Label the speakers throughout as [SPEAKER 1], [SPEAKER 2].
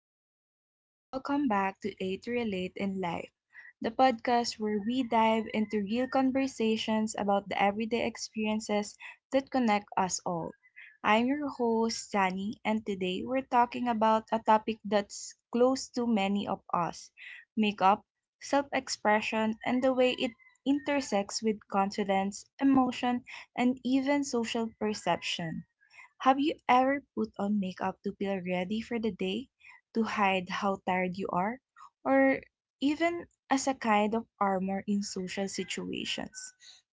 [SPEAKER 1] everyone, and welcome back to A to Relate in Life, the podcast where we dive into real conversations about the everyday experiences that connect us all. I'm your host, Sani, and today we're talking about a topic that's close to many of us makeup, self expression, and the way it intersects with confidence, emotion, and even social perception. Have you ever put on makeup to feel ready for the day, to hide how tired you are, or even as a kind of armor in social situations?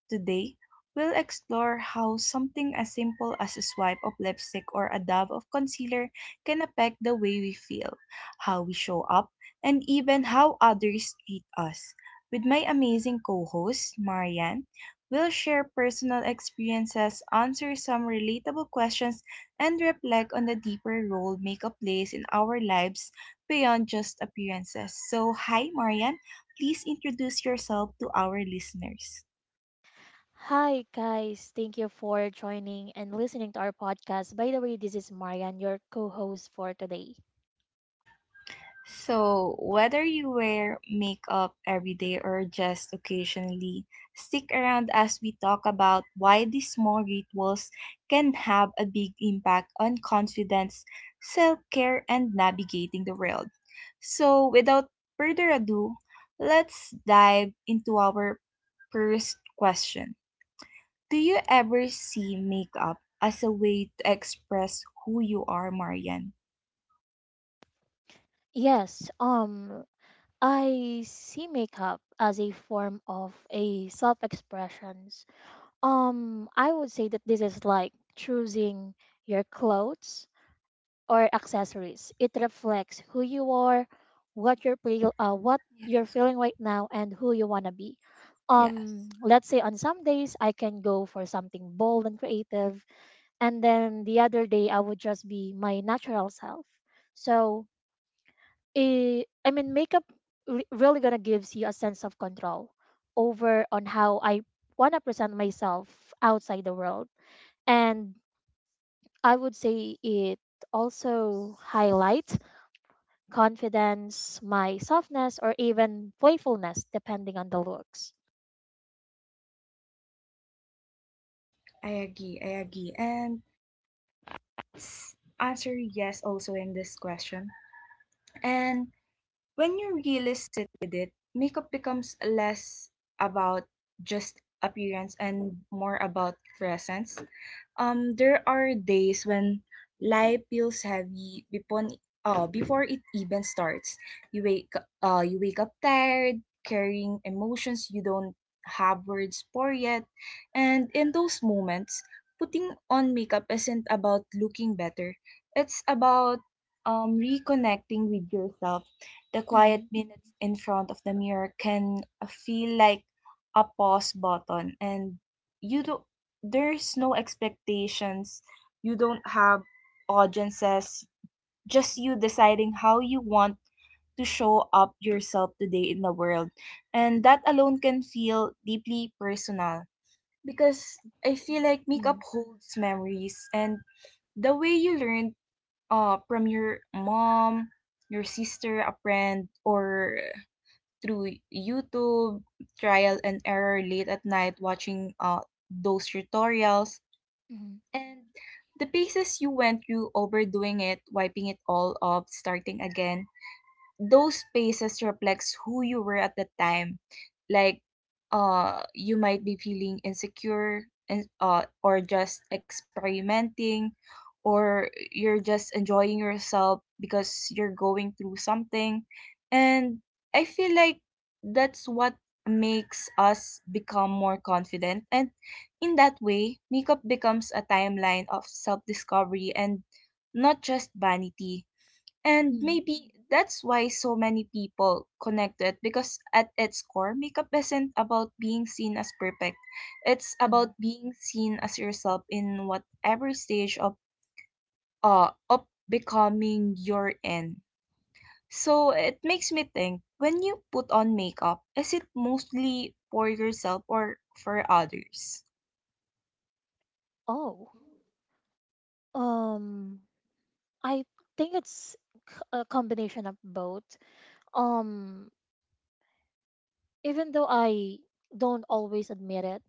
[SPEAKER 1] Today, we'll explore how something as simple as a swipe of lipstick or a dab of concealer can affect the way we feel, how we show up, and even how others treat us. With my amazing co host, Marian. We'll share personal experiences, answer some relatable questions, and reflect on the deeper role makeup plays in our lives beyond just appearances. So, hi, Marian. Please introduce yourself to our listeners.
[SPEAKER 2] Hi, guys. Thank you for joining and listening to our podcast. By the way, this is Marian, your co host for today.
[SPEAKER 1] So, whether you wear makeup every day or just occasionally, stick around as we talk about why these small rituals can have a big impact on confidence, self care, and navigating the world. So, without further ado, let's dive into our first question. Do you ever see makeup as a way to express who you are, Marian?
[SPEAKER 2] Yes, I see makeup as a form of a self expressions. I would say that this is like choosing your clothes or accessories. It reflects who you are, what you're
[SPEAKER 1] Yes.
[SPEAKER 2] feeling right now, and who you wanna be.
[SPEAKER 1] Yes.
[SPEAKER 2] Let's say on some days I can go for something bold and creative, and then the other day I would just be my natural self. So, I mean, makeup really gonna gives you a sense of control over on how I wanna present myself outside the world, and I would say it also highlight confidence, my softness, or even playfulness, depending on the looks.
[SPEAKER 1] I agree. And answer yes also in this question. And when you really sit with it, makeup becomes less about just appearance and more about presence. There are days when life feels heavy before it even starts. You wake you wake up tired, carrying emotions you don't have words for yet, and in those moments, putting on makeup isn't about looking better. It's about reconnecting with yourself. The quiet
[SPEAKER 2] Mhm,
[SPEAKER 1] minutes in front of the mirror can feel like a pause button, and you do there's no expectations. You don't have audiences, just you deciding how you want to show up yourself today in the world. And that alone can feel deeply personal because I feel like makeup
[SPEAKER 2] mhm,
[SPEAKER 1] holds memories and the way you learned from your mom, your sister, a friend, or through YouTube trial and error late at night watching those tutorials
[SPEAKER 2] mhm,
[SPEAKER 1] and the paces you went through, overdoing it, wiping it all off, starting again, those spaces reflects who you were at the time, like you might be feeling insecure and or just experimenting, or you're just enjoying yourself because you're going through something. And I feel like that's what makes us become more confident, and in that way makeup becomes a timeline of self-discovery and not just vanity. And
[SPEAKER 2] mhm,
[SPEAKER 1] maybe that's why so many people connect it, because at its core, makeup isn't about being seen as perfect. It's
[SPEAKER 2] mhm.
[SPEAKER 1] about being seen as yourself in whatever stage of becoming you're in. So it makes me think, when you put on makeup, is it mostly for yourself or for others?
[SPEAKER 2] Oh, um, I think it's a combination of both. Um, Even though I don't always admit it,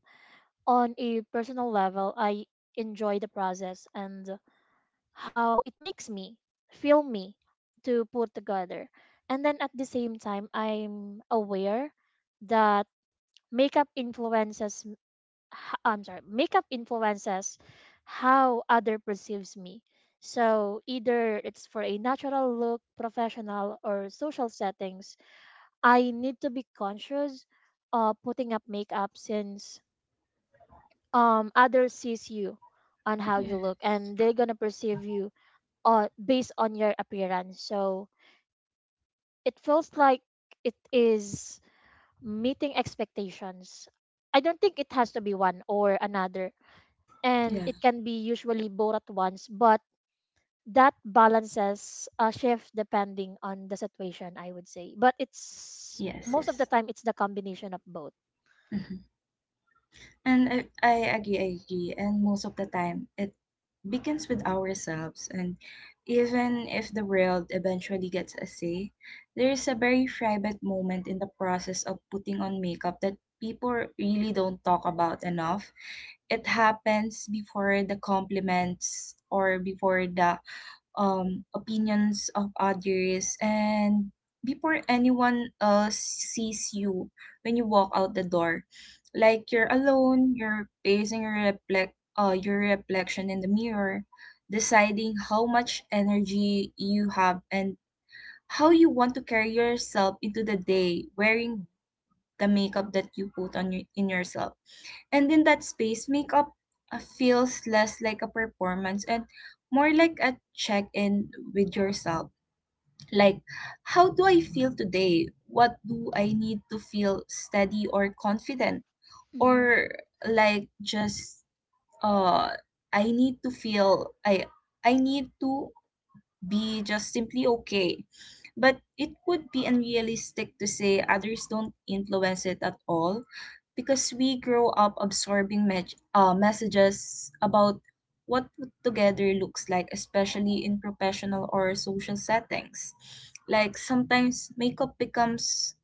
[SPEAKER 2] on a personal level, I enjoy the process and how it makes me feel me to put together. And then at the same time, I'm aware that makeup influences m- h- I'm sorry makeup influences how other perceives me, so either it's for a natural look, professional or social settings, I need to be conscious of putting up makeup, since others sees you on how you look, and they're gonna perceive you based on your appearance. So it feels like it is meeting expectations. I don't think it has to be one or another, and
[SPEAKER 1] Yeah.
[SPEAKER 2] it can be usually both at once, but that balances a shift depending on the situation, I would say, but it's most of the
[SPEAKER 1] Yes.
[SPEAKER 2] time it's the combination of both.
[SPEAKER 1] Yes. And I agree. And most of the time, it begins with ourselves. And even if the world eventually gets a say, there is a very private moment in the process of putting on makeup that people really don't talk about enough. It happens before the compliments or before the opinions of others, and before anyone else sees you, when you walk out the door. Like, you're alone, you're facing your reflect your reflection in the mirror, deciding how much energy you have and how you want to carry yourself into the day wearing the makeup that you put on your, in yourself. And in that space, makeup feels less like a performance and more like a check in with yourself. Like, how do I feel today? What do I need to feel steady or confident?
[SPEAKER 2] Mm-hmm.
[SPEAKER 1] Or like just uh I need to I need to be just simply okay. But it would be unrealistic to say others don't influence it at all, because we grow up absorbing messages about what put together looks like, especially in professional or social settings. Like sometimes makeup becomes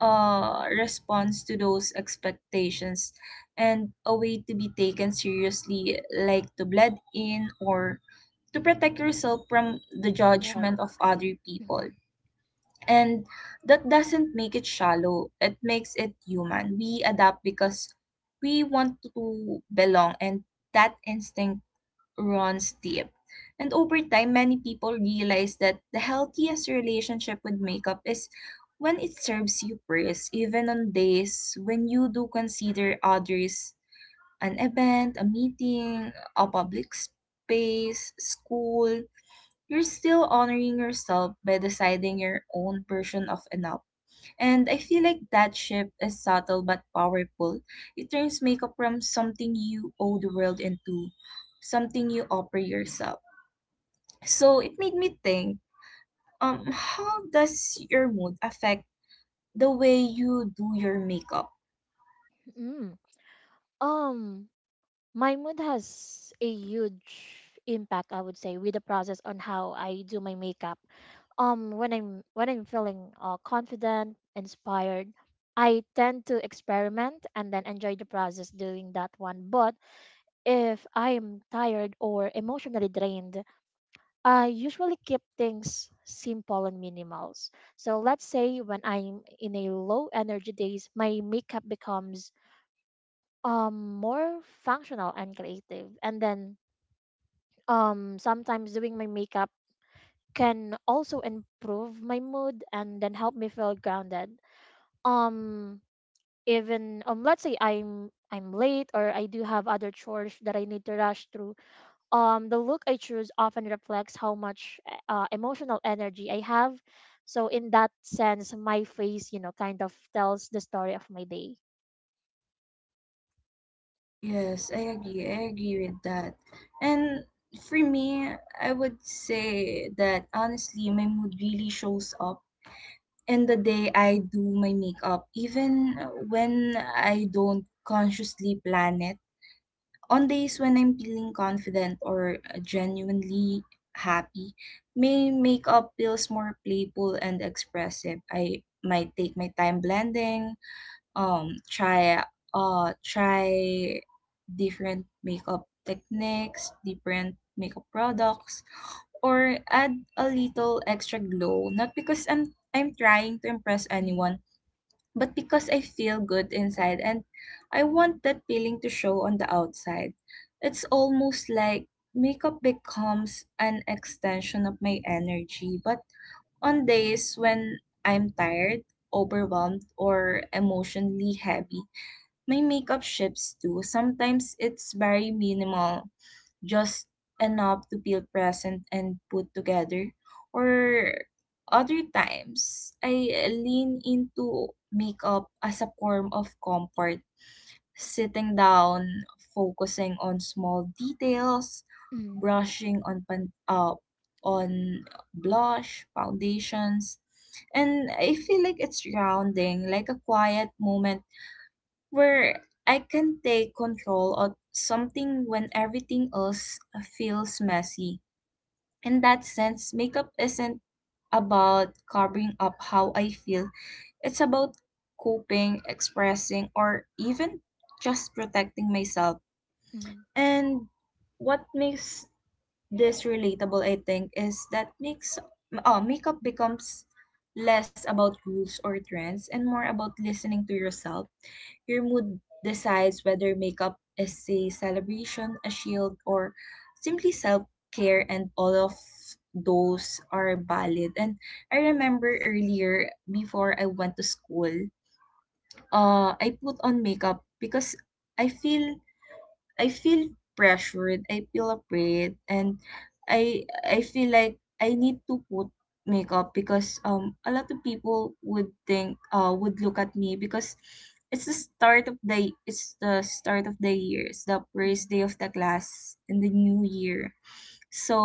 [SPEAKER 1] response to those expectations and a way to be taken seriously, like to blend in or to protect yourself from the
[SPEAKER 2] Right.
[SPEAKER 1] judgment of other people.
[SPEAKER 2] Hmm.
[SPEAKER 1] And that doesn't make it shallow, it makes it human. We adapt because we want to belong, and that instinct runs deep. And over time, many people realize that the healthiest relationship with makeup is when it serves you first, even on days when you do consider others, an event, a meeting, a public space, school. You're still honoring yourself by deciding your own version of enough. And I feel like that shift is subtle but powerful. It turns makeup from something you owe the world into something you offer yourself. So it made me think, how does your mood affect the way you do your makeup?
[SPEAKER 2] mm um my mood has a huge impact, I would say, with the process on how I do my makeup. When I'm feeling confident, inspired, I tend to experiment and then enjoy the process doing that one. But if I am tired or emotionally drained, I usually keep things simple and minimals. So let's say when I'm in a low energy days, my makeup becomes more functional and creative. And then sometimes doing my makeup can also improve my mood and then help me feel grounded. Um even Let's say I'm late, or I do have other chores that I need to rush through. The look I choose often reflects how much emotional energy I have. So in that sense, my face, you know, kind of tells the story of my day.
[SPEAKER 1] Yes, I agree with that. And for me, I would say that honestly, my mood really shows up in the day I do my makeup, even when I don't consciously plan it. On days when I'm feeling confident or genuinely happy, my makeup feels more playful and expressive. I might take my time blending, um try try different makeup techniques, different makeup products, or add a little extra glow, not because I'm trying to impress anyone, but because I feel good inside and I want that feeling to show on the outside. It's almost like makeup becomes an extension of my energy. But on days when I'm tired, overwhelmed, or emotionally heavy, my makeup shifts too. Sometimes it's very minimal, just enough to feel present and put together. Or other times, I lean into makeup as a form of comfort, sitting down, focusing on small details, brushing on on blush, foundations, and I feel like it's grounding, like a quiet moment where I can take control of something when everything else feels messy. In that sense, makeup isn't about covering up how I feel, it's about coping, expressing, or even just protecting myself.
[SPEAKER 2] Mm-hmm.
[SPEAKER 1] And what makes this relatable, I think, is that makeup becomes less about rules or trends and more about listening to yourself. Your mood decides whether makeup is a celebration, a shield, or simply self care, and all of those are valid. And I remember earlier, before I went to school, I put on makeup because I feel I feel pressured, I feel afraid, and I feel like I need to put makeup because a lot of people would think would look at me, because it's the start of the it's the start of the year. It's the first day of the class in the new year. So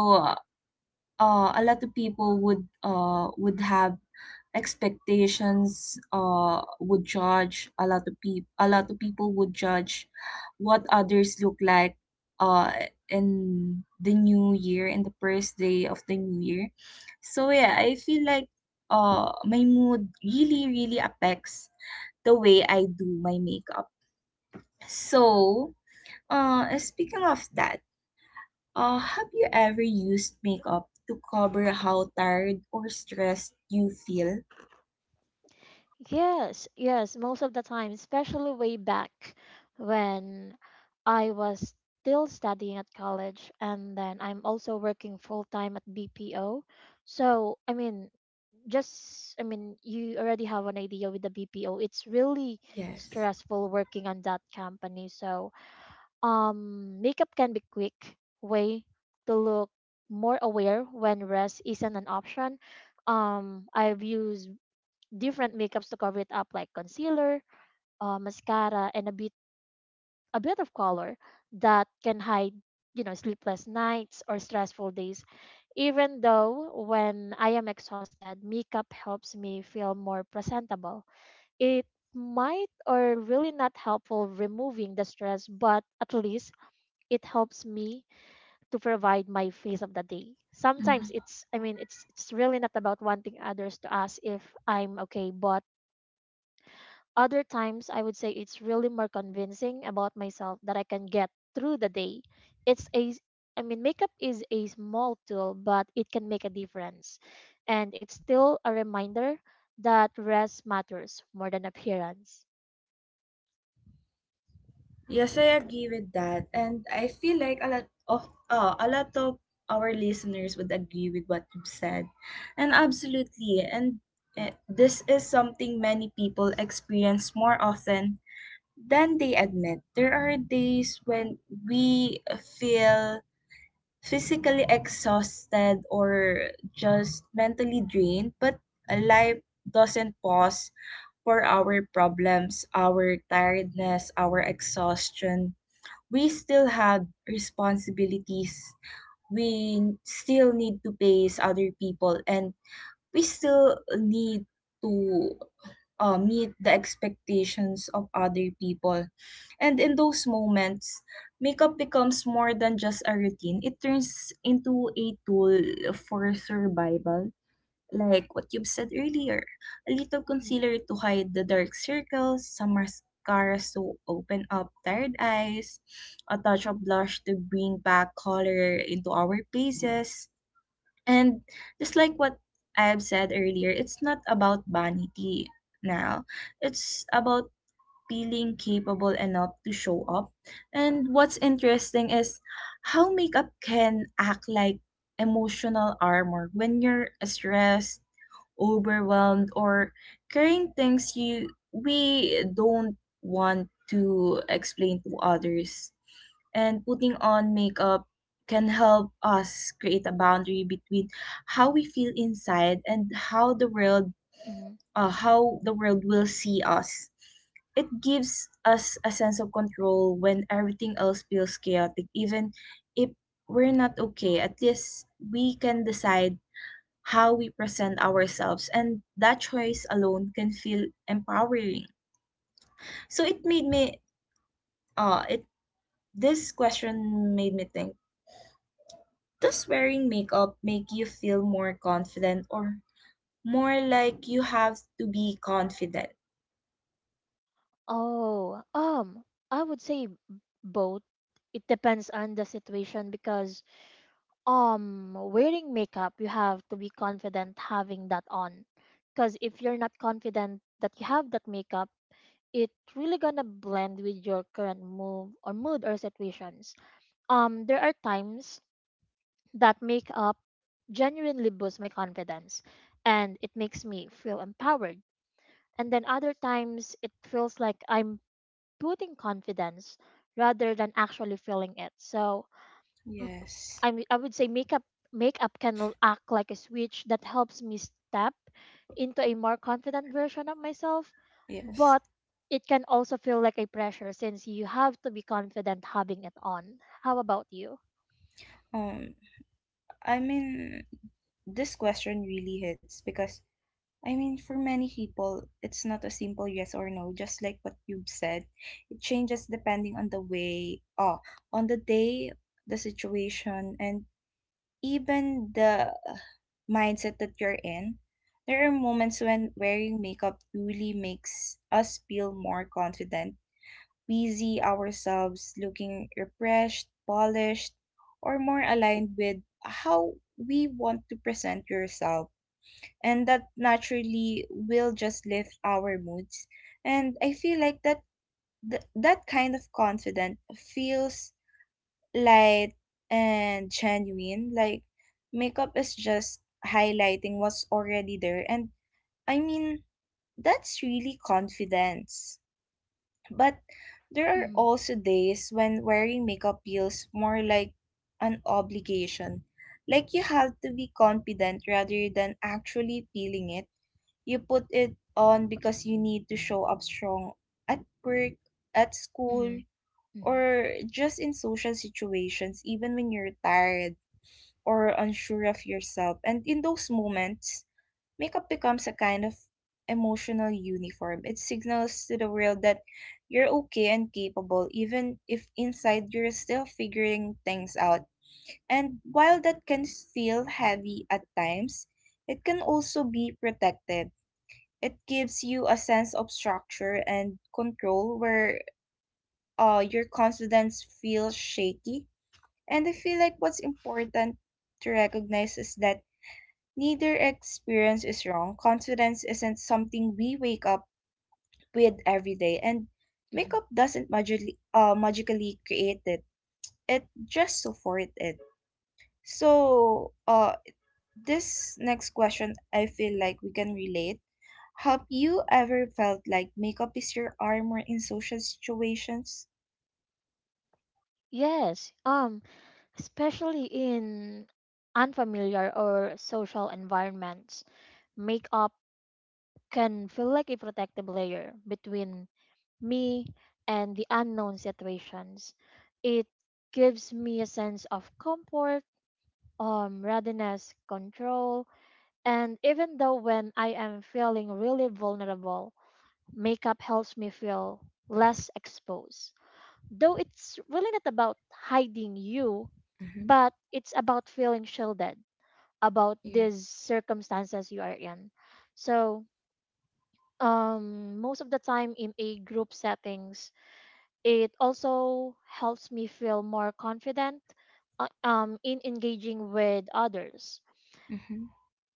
[SPEAKER 1] a lot of people would have expectations, would judge, a lot of people, would judge what others look like uh in the new year, in the first day of the new year. So yeah, I feel like my mood really really affects the way I do my makeup. So speaking of that, have you ever used makeup to cover how tired or stressed you feel?
[SPEAKER 2] Yes, yes, most of the time, especially way back when I was still studying at college, and then I'm also working full time at BPO. So, I mean, you already have an idea with the BPO. It's really
[SPEAKER 1] Yes.
[SPEAKER 2] stressful working on that company. So, makeup can be quick way to look more aware when rest isn't an option. I've used different makeups to cover it up, like concealer, mascara, and a bit of color that can hide, you know, sleepless nights or stressful days. Even though when I am exhausted, makeup helps me feel more presentable. It might or really not helpful removing the stress, but at least it helps me to provide my face of the day. Sometimes
[SPEAKER 1] Mhm.
[SPEAKER 2] it's I mean it's really not about wanting others to ask if I'm okay, but other times, I would say it's really more convincing about myself that I can get through the day. It's a, s- I mean, makeup is a small tool, but it can make a difference. And it's still a reminder that rest matters more than appearance.
[SPEAKER 1] Yes, I agree with that. And I feel like a lot of our listeners would agree with what you've said. And absolutely. And this is something many people experience more often than they admit. There are days when we feel physically exhausted or just mentally drained, but life doesn't pause for our problems, our tiredness, our exhaustion. We still have responsibilities. We still need to pay other people and we still need to meet the expectations of other people. And in those moments, makeup becomes more than just a routine. It turns into a tool for survival, like what you've said earlier. A little
[SPEAKER 2] Mhm.
[SPEAKER 1] concealer to hide the dark circles, some mascara to open up tired eyes, a touch of blush to bring back color into our faces. And just like what I've said earlier, it's not about vanity now. It's about feeling capable enough to show up. And what's interesting is how makeup can act like emotional armor when you're stressed, overwhelmed, or carrying things you we don't want to explain to others. And putting on makeup can help us create a boundary between how we feel inside and
[SPEAKER 2] Mhm.
[SPEAKER 1] how the world will see us. It gives us a sense of control when everything else feels chaotic. Even if we're not okay, at least we can decide how we present ourselves, and that choice alone can feel empowering. So it made me it this question made me think, does wearing makeup make you feel more confident or more like you have to be confident?
[SPEAKER 2] Oh, I would say both. It depends on the situation, because wearing makeup, you have to be confident having that on, because if you're not confident that you have that makeup, it really gonna blend with your current move or mood or situations. There are times that makeup genuinely boosts my confidence and it makes me feel empowered, and then other times it feels like I'm putting confidence rather than actually feeling it. So
[SPEAKER 1] Yes.
[SPEAKER 2] I mean, I would say makeup can act like a switch that helps me step into a more confident version of myself,
[SPEAKER 1] Yes.
[SPEAKER 2] but it can also feel like a pressure since you have to be confident having it on. How about you?
[SPEAKER 1] Um I mean, this question really hits because, I mean, for many people, it's not a simple yes or no, just like what you've said. It changes depending on on the day, the situation, and even the mindset that you're in. There are moments when wearing makeup really makes us feel more confident. We see ourselves looking refreshed, polished, or more aligned with how we want to present yourself. And that naturally will just lift our moods. And I feel like that kind of confidence feels light and genuine. Like makeup is just highlighting what's already there. And I mean, that's really confidence. But there are
[SPEAKER 2] Mm,
[SPEAKER 1] also days when wearing makeup feels more like an obligation. Like you have to be confident rather than actually feeling it. You put it on because you need to show up strong at work, at school,
[SPEAKER 2] mm, mm,
[SPEAKER 1] or just in social situations, even when you're tired or unsure of yourself. And in those moments, makeup becomes a kind of emotional uniform. It signals to the world that you're okay and capable, even if inside you're still figuring things out. And while that can feel heavy at times, it can also be protective. It gives you a sense of structure and control where your confidence feels shaky. And I feel like what's important to recognize is that neither experience is wrong. Confidence isn't something we wake up with every day, and
[SPEAKER 2] mm.
[SPEAKER 1] makeup doesn't magically create it. It just supports it. So, this next question, I feel like we can relate. Have you ever felt like makeup is your armor in social situations?
[SPEAKER 2] Yes, especially in unfamiliar or social environments, makeup can feel like a protective layer between me and the unknown situations. It gives me a sense of comfort, readiness, control, and even though when I am feeling really vulnerable, makeup helps me feel less exposed. Though it's really not about hiding you,
[SPEAKER 1] Mm-hmm.
[SPEAKER 2] but it's about feeling shielded about these
[SPEAKER 1] Yes.
[SPEAKER 2] circumstances you are in. So, most of the time in a group settings, it also helps me feel more confident in engaging with others.
[SPEAKER 1] Mm-hmm.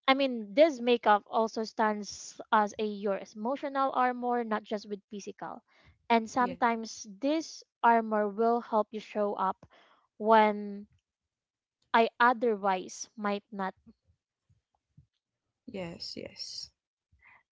[SPEAKER 2] I mean, this makeup also stands as a your emotional armor, not just with physical. And
[SPEAKER 1] Yes.
[SPEAKER 2] sometimes this armor will help you show up when I otherwise might not.
[SPEAKER 1] Yes. Yes.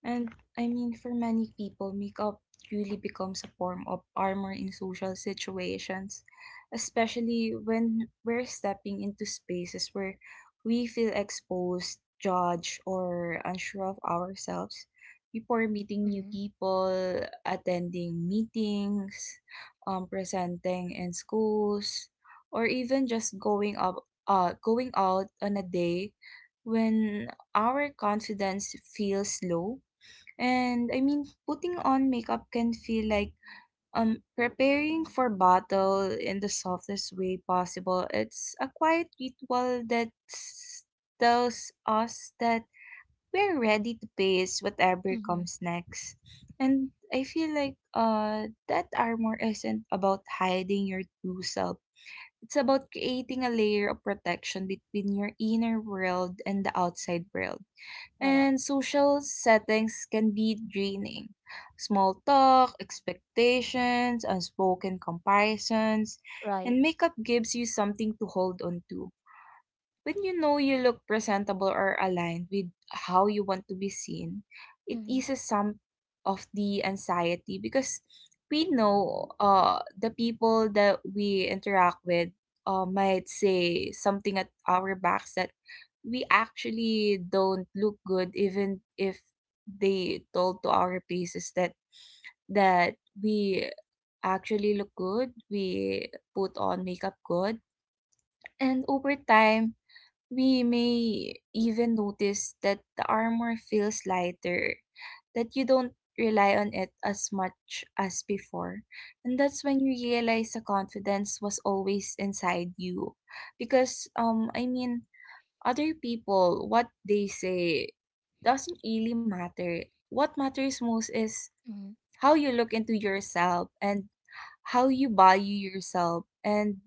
[SPEAKER 1] And I mean, for many people, makeup really becomes a form of armor in social situations, especially when we're stepping into spaces where we feel exposed, judged, or unsure of ourselves. Before meeting new
[SPEAKER 2] Mhm.
[SPEAKER 1] people, attending meetings, presenting in schools, or even just going out on a day when our confidence feels low, and I mean, putting on makeup can feel like preparing for battle in the softest way possible. It's a quiet ritual that tells us that we're ready to face whatever
[SPEAKER 2] mhm,
[SPEAKER 1] comes next. And I feel like that armor isn't about hiding your true self. It's about creating a layer of protection between your inner world and the outside world,
[SPEAKER 2] Correct.
[SPEAKER 1] and social settings can be draining. Small talk, expectations, unspoken comparisons, and
[SPEAKER 2] Right.
[SPEAKER 1] makeup gives you something to hold on to. When you know you look presentable or aligned with how you want to be seen, it
[SPEAKER 2] Mm-hmm.
[SPEAKER 1] eases some of the anxiety, because we know the people that we interact with might say something at our backs that we actually don't look good, even if they told to our faces that we actually look good, we put on makeup good. And over time we may even notice that the armor feels lighter, that you don't rely on it as much as before. And that's when you realize the confidence was always inside you. Because, I mean, other people, what they say doesn't really matter. What matters most is
[SPEAKER 2] Mm-hmm.
[SPEAKER 1] how you look into yourself and how you value yourself, and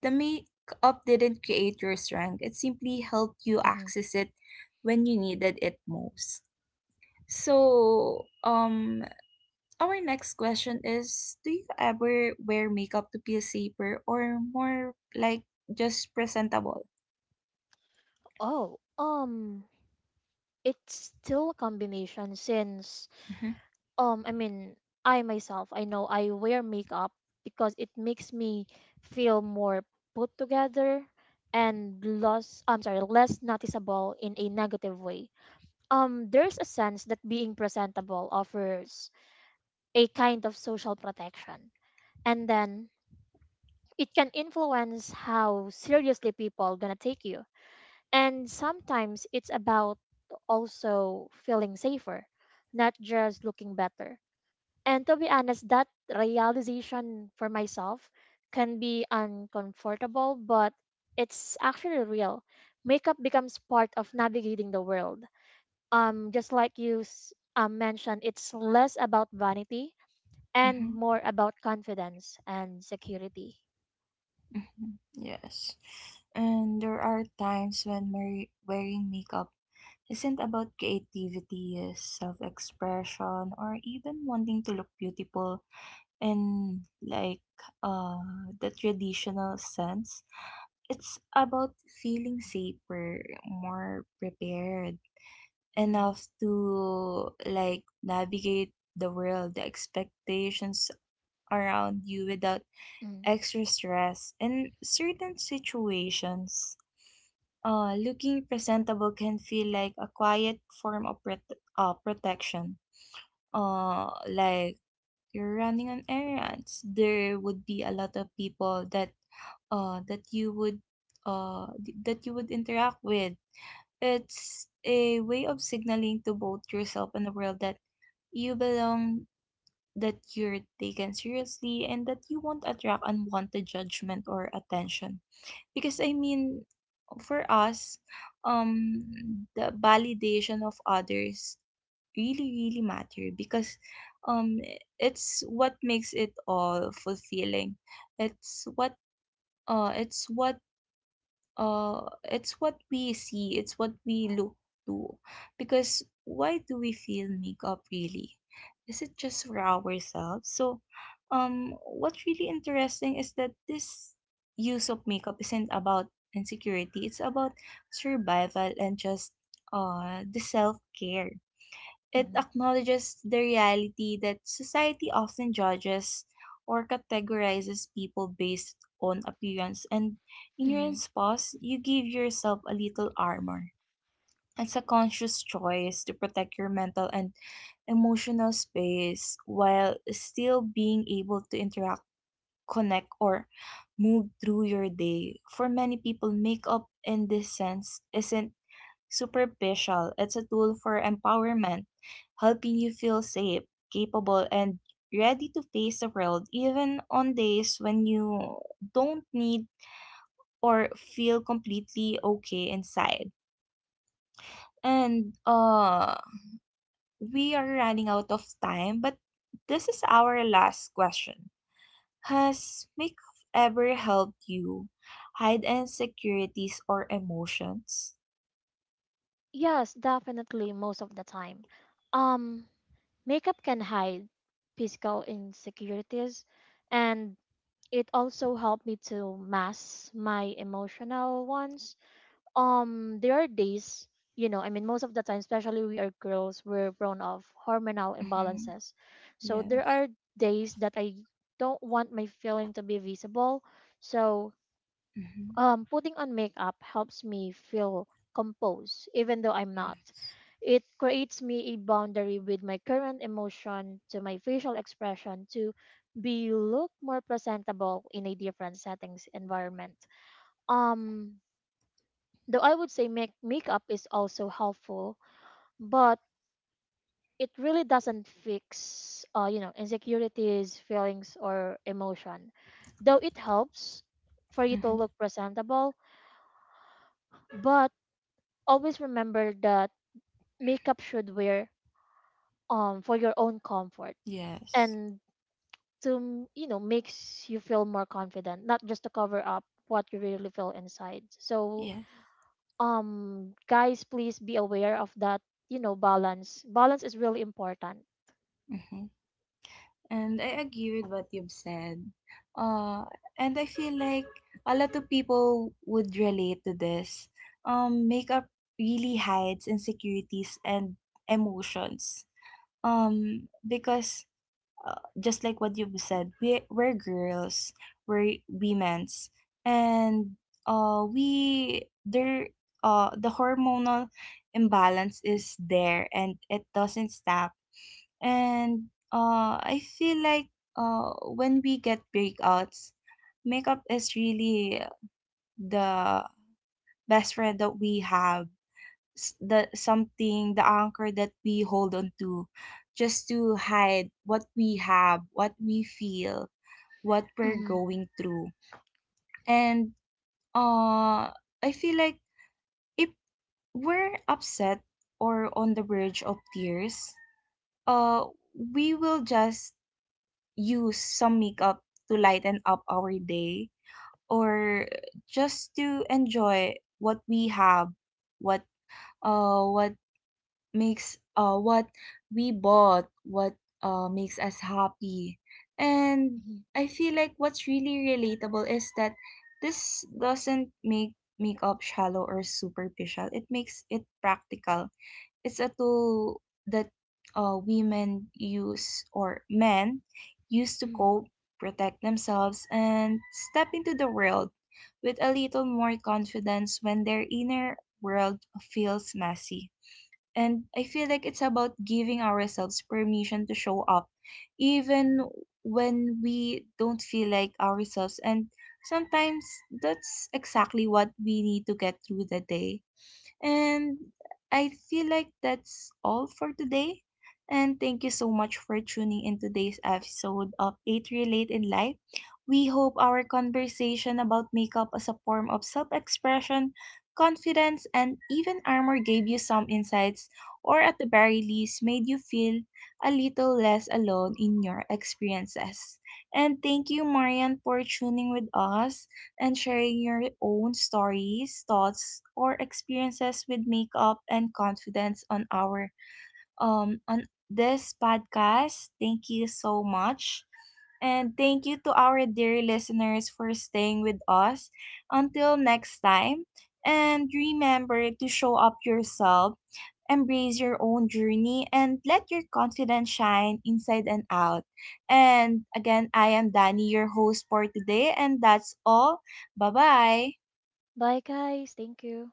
[SPEAKER 1] the makeup didn't create your strength. It simply helped you
[SPEAKER 2] Mhm.
[SPEAKER 1] access it when you needed it most. So, our next question is, do you ever wear makeup to feel safer or more like just presentable?
[SPEAKER 2] Oh, it's still a combination, since
[SPEAKER 1] Mhm.
[SPEAKER 2] I mean, I know I wear makeup because it makes me feel more put together and less, I'm sorry, less noticeable in a negative way. There's a sense that being presentable offers a kind of social protection, and then it can influence how seriously people gonna take you. And sometimes it's about also feeling safer, not just looking better. And to be honest, that realization for myself can be uncomfortable, but it's actually real. Makeup becomes part of navigating the world. Just like you mentioned, it's less about vanity and
[SPEAKER 1] Mm-hmm.
[SPEAKER 2] more about confidence and security.
[SPEAKER 1] Mm-hmm. Yes. And there are times when we wearing makeup isn't about creativity, self expression, or even wanting to look beautiful in like uh, the traditional sense. It's about feeling safer, more prepared,
[SPEAKER 2] Mm,
[SPEAKER 1] enough to like navigate the world, the expectations around you without
[SPEAKER 2] mm,
[SPEAKER 1] extra stress. In certain situations, looking presentable can feel like a quiet form of protection. Like you're running on errands, there would be a lot of people that that you would that you would interact with. It's a way of signaling to both yourself and the world that you belong, that you're taken seriously, and that you won't attract unwanted judgment or attention. Because I mean, for us, the validation of others really really matter, because um it's what makes it all fulfilling, it's what it's what uh it's what we see, it's what we look to, because why do we feel makeup really is it just for ourselves. So what's really interesting is that this use of makeup isn't about insecurity, it's about survival and just the self-care. It
[SPEAKER 2] mm,
[SPEAKER 1] acknowledges the reality that society often judges or categorizes people based on appearance, and in your
[SPEAKER 2] mm.
[SPEAKER 1] response, you give yourself a little armor. It's a conscious choice to protect your mental and emotional space while still being able to interact, connect, or move through your day. For many people, makeup in this sense isn't superficial. It's a tool for empowerment, helping you feel safe, capable, and ready to face the world, even on days when you don't need or feel completely okay inside. And we are running out of time, but this is our last question. Has makeup ever helped you hide insecurities or emotions?
[SPEAKER 2] Yes, definitely most of the time. Um, Makeup can hide physical insecurities, and it also helped me to mask my emotional ones. There are days, you know, I mean most of the time, especially we are girls, we're prone of hormonal
[SPEAKER 1] Mm-hmm.
[SPEAKER 2] imbalances. So there
[SPEAKER 1] Yes.
[SPEAKER 2] are days that I don't want my feeling to be visible. So
[SPEAKER 1] Mm-hmm.
[SPEAKER 2] putting on makeup helps me feel composed, even though I'm not.
[SPEAKER 1] Yes.
[SPEAKER 2] It creates me a boundary with my current emotion to my facial expression to be look more presentable in a different settings environment. Um, though I would say makeup is also helpful, but it really doesn't fix, you know, insecurities, feelings, or emotion. Though it helps for you to
[SPEAKER 1] Mm-hmm.
[SPEAKER 2] look presentable, but always remember that makeup should wear for your own comfort,
[SPEAKER 1] Yes.
[SPEAKER 2] and to you know, makes you feel more confident, not just to cover up what you really feel inside. So
[SPEAKER 1] Yes.
[SPEAKER 2] guys, please be aware of that. You know, balance is really important.
[SPEAKER 1] Hmm. And I agree with what you've said. Uh, and I feel like a lot of people would relate to this. Makeup really hides insecurities and emotions. Because just like what you've said, we're girls, we're women's, and we there the hormonal imbalance is there, and it doesn't stop. And I feel like when we get breakouts, makeup is really the best friend that we have. S- the something the anchor that we hold on to just to hide what we have, what we feel, what we're
[SPEAKER 2] Hmm
[SPEAKER 1] going through. And uh I feel like if we're upset or on the verge of tears, uh we will just use some makeup to lighten up our day, or just to enjoy what we have, what what makes what we bought, what makes us happy. And
[SPEAKER 2] hmm
[SPEAKER 1] I feel like what's really relatable is that this doesn't make makeup shallow or superficial, it makes it practical. It's a tool that women use, or men use, to cope, protect themselves, and step into the world with a little more confidence when their inner world feels messy. And I feel like it's about giving ourselves permission to show up, even when we don't feel like ourselves. And sometimes that's exactly what we need to get through the day. And I feel like that's all for today. And thank you so much for tuning in today's episode of 8 Relate in Life. We hope our conversation about makeup as a form of self expression, confidence, and even armor gave you some insights, or at the very least, made you feel a little less alone in your experiences. And thank you, Marian, for tuning with us and sharing your own stories, thoughts, or experiences with makeup and confidence on our on this podcast. Thank you so much. And thank you to our dear listeners for staying with us. Until next time, and remember to show up yourself, embrace your own journey, and let your confidence shine inside and out. And again, I am Danny, your host for today, and that's all. Bye bye.
[SPEAKER 2] Bye, guys. Thank you.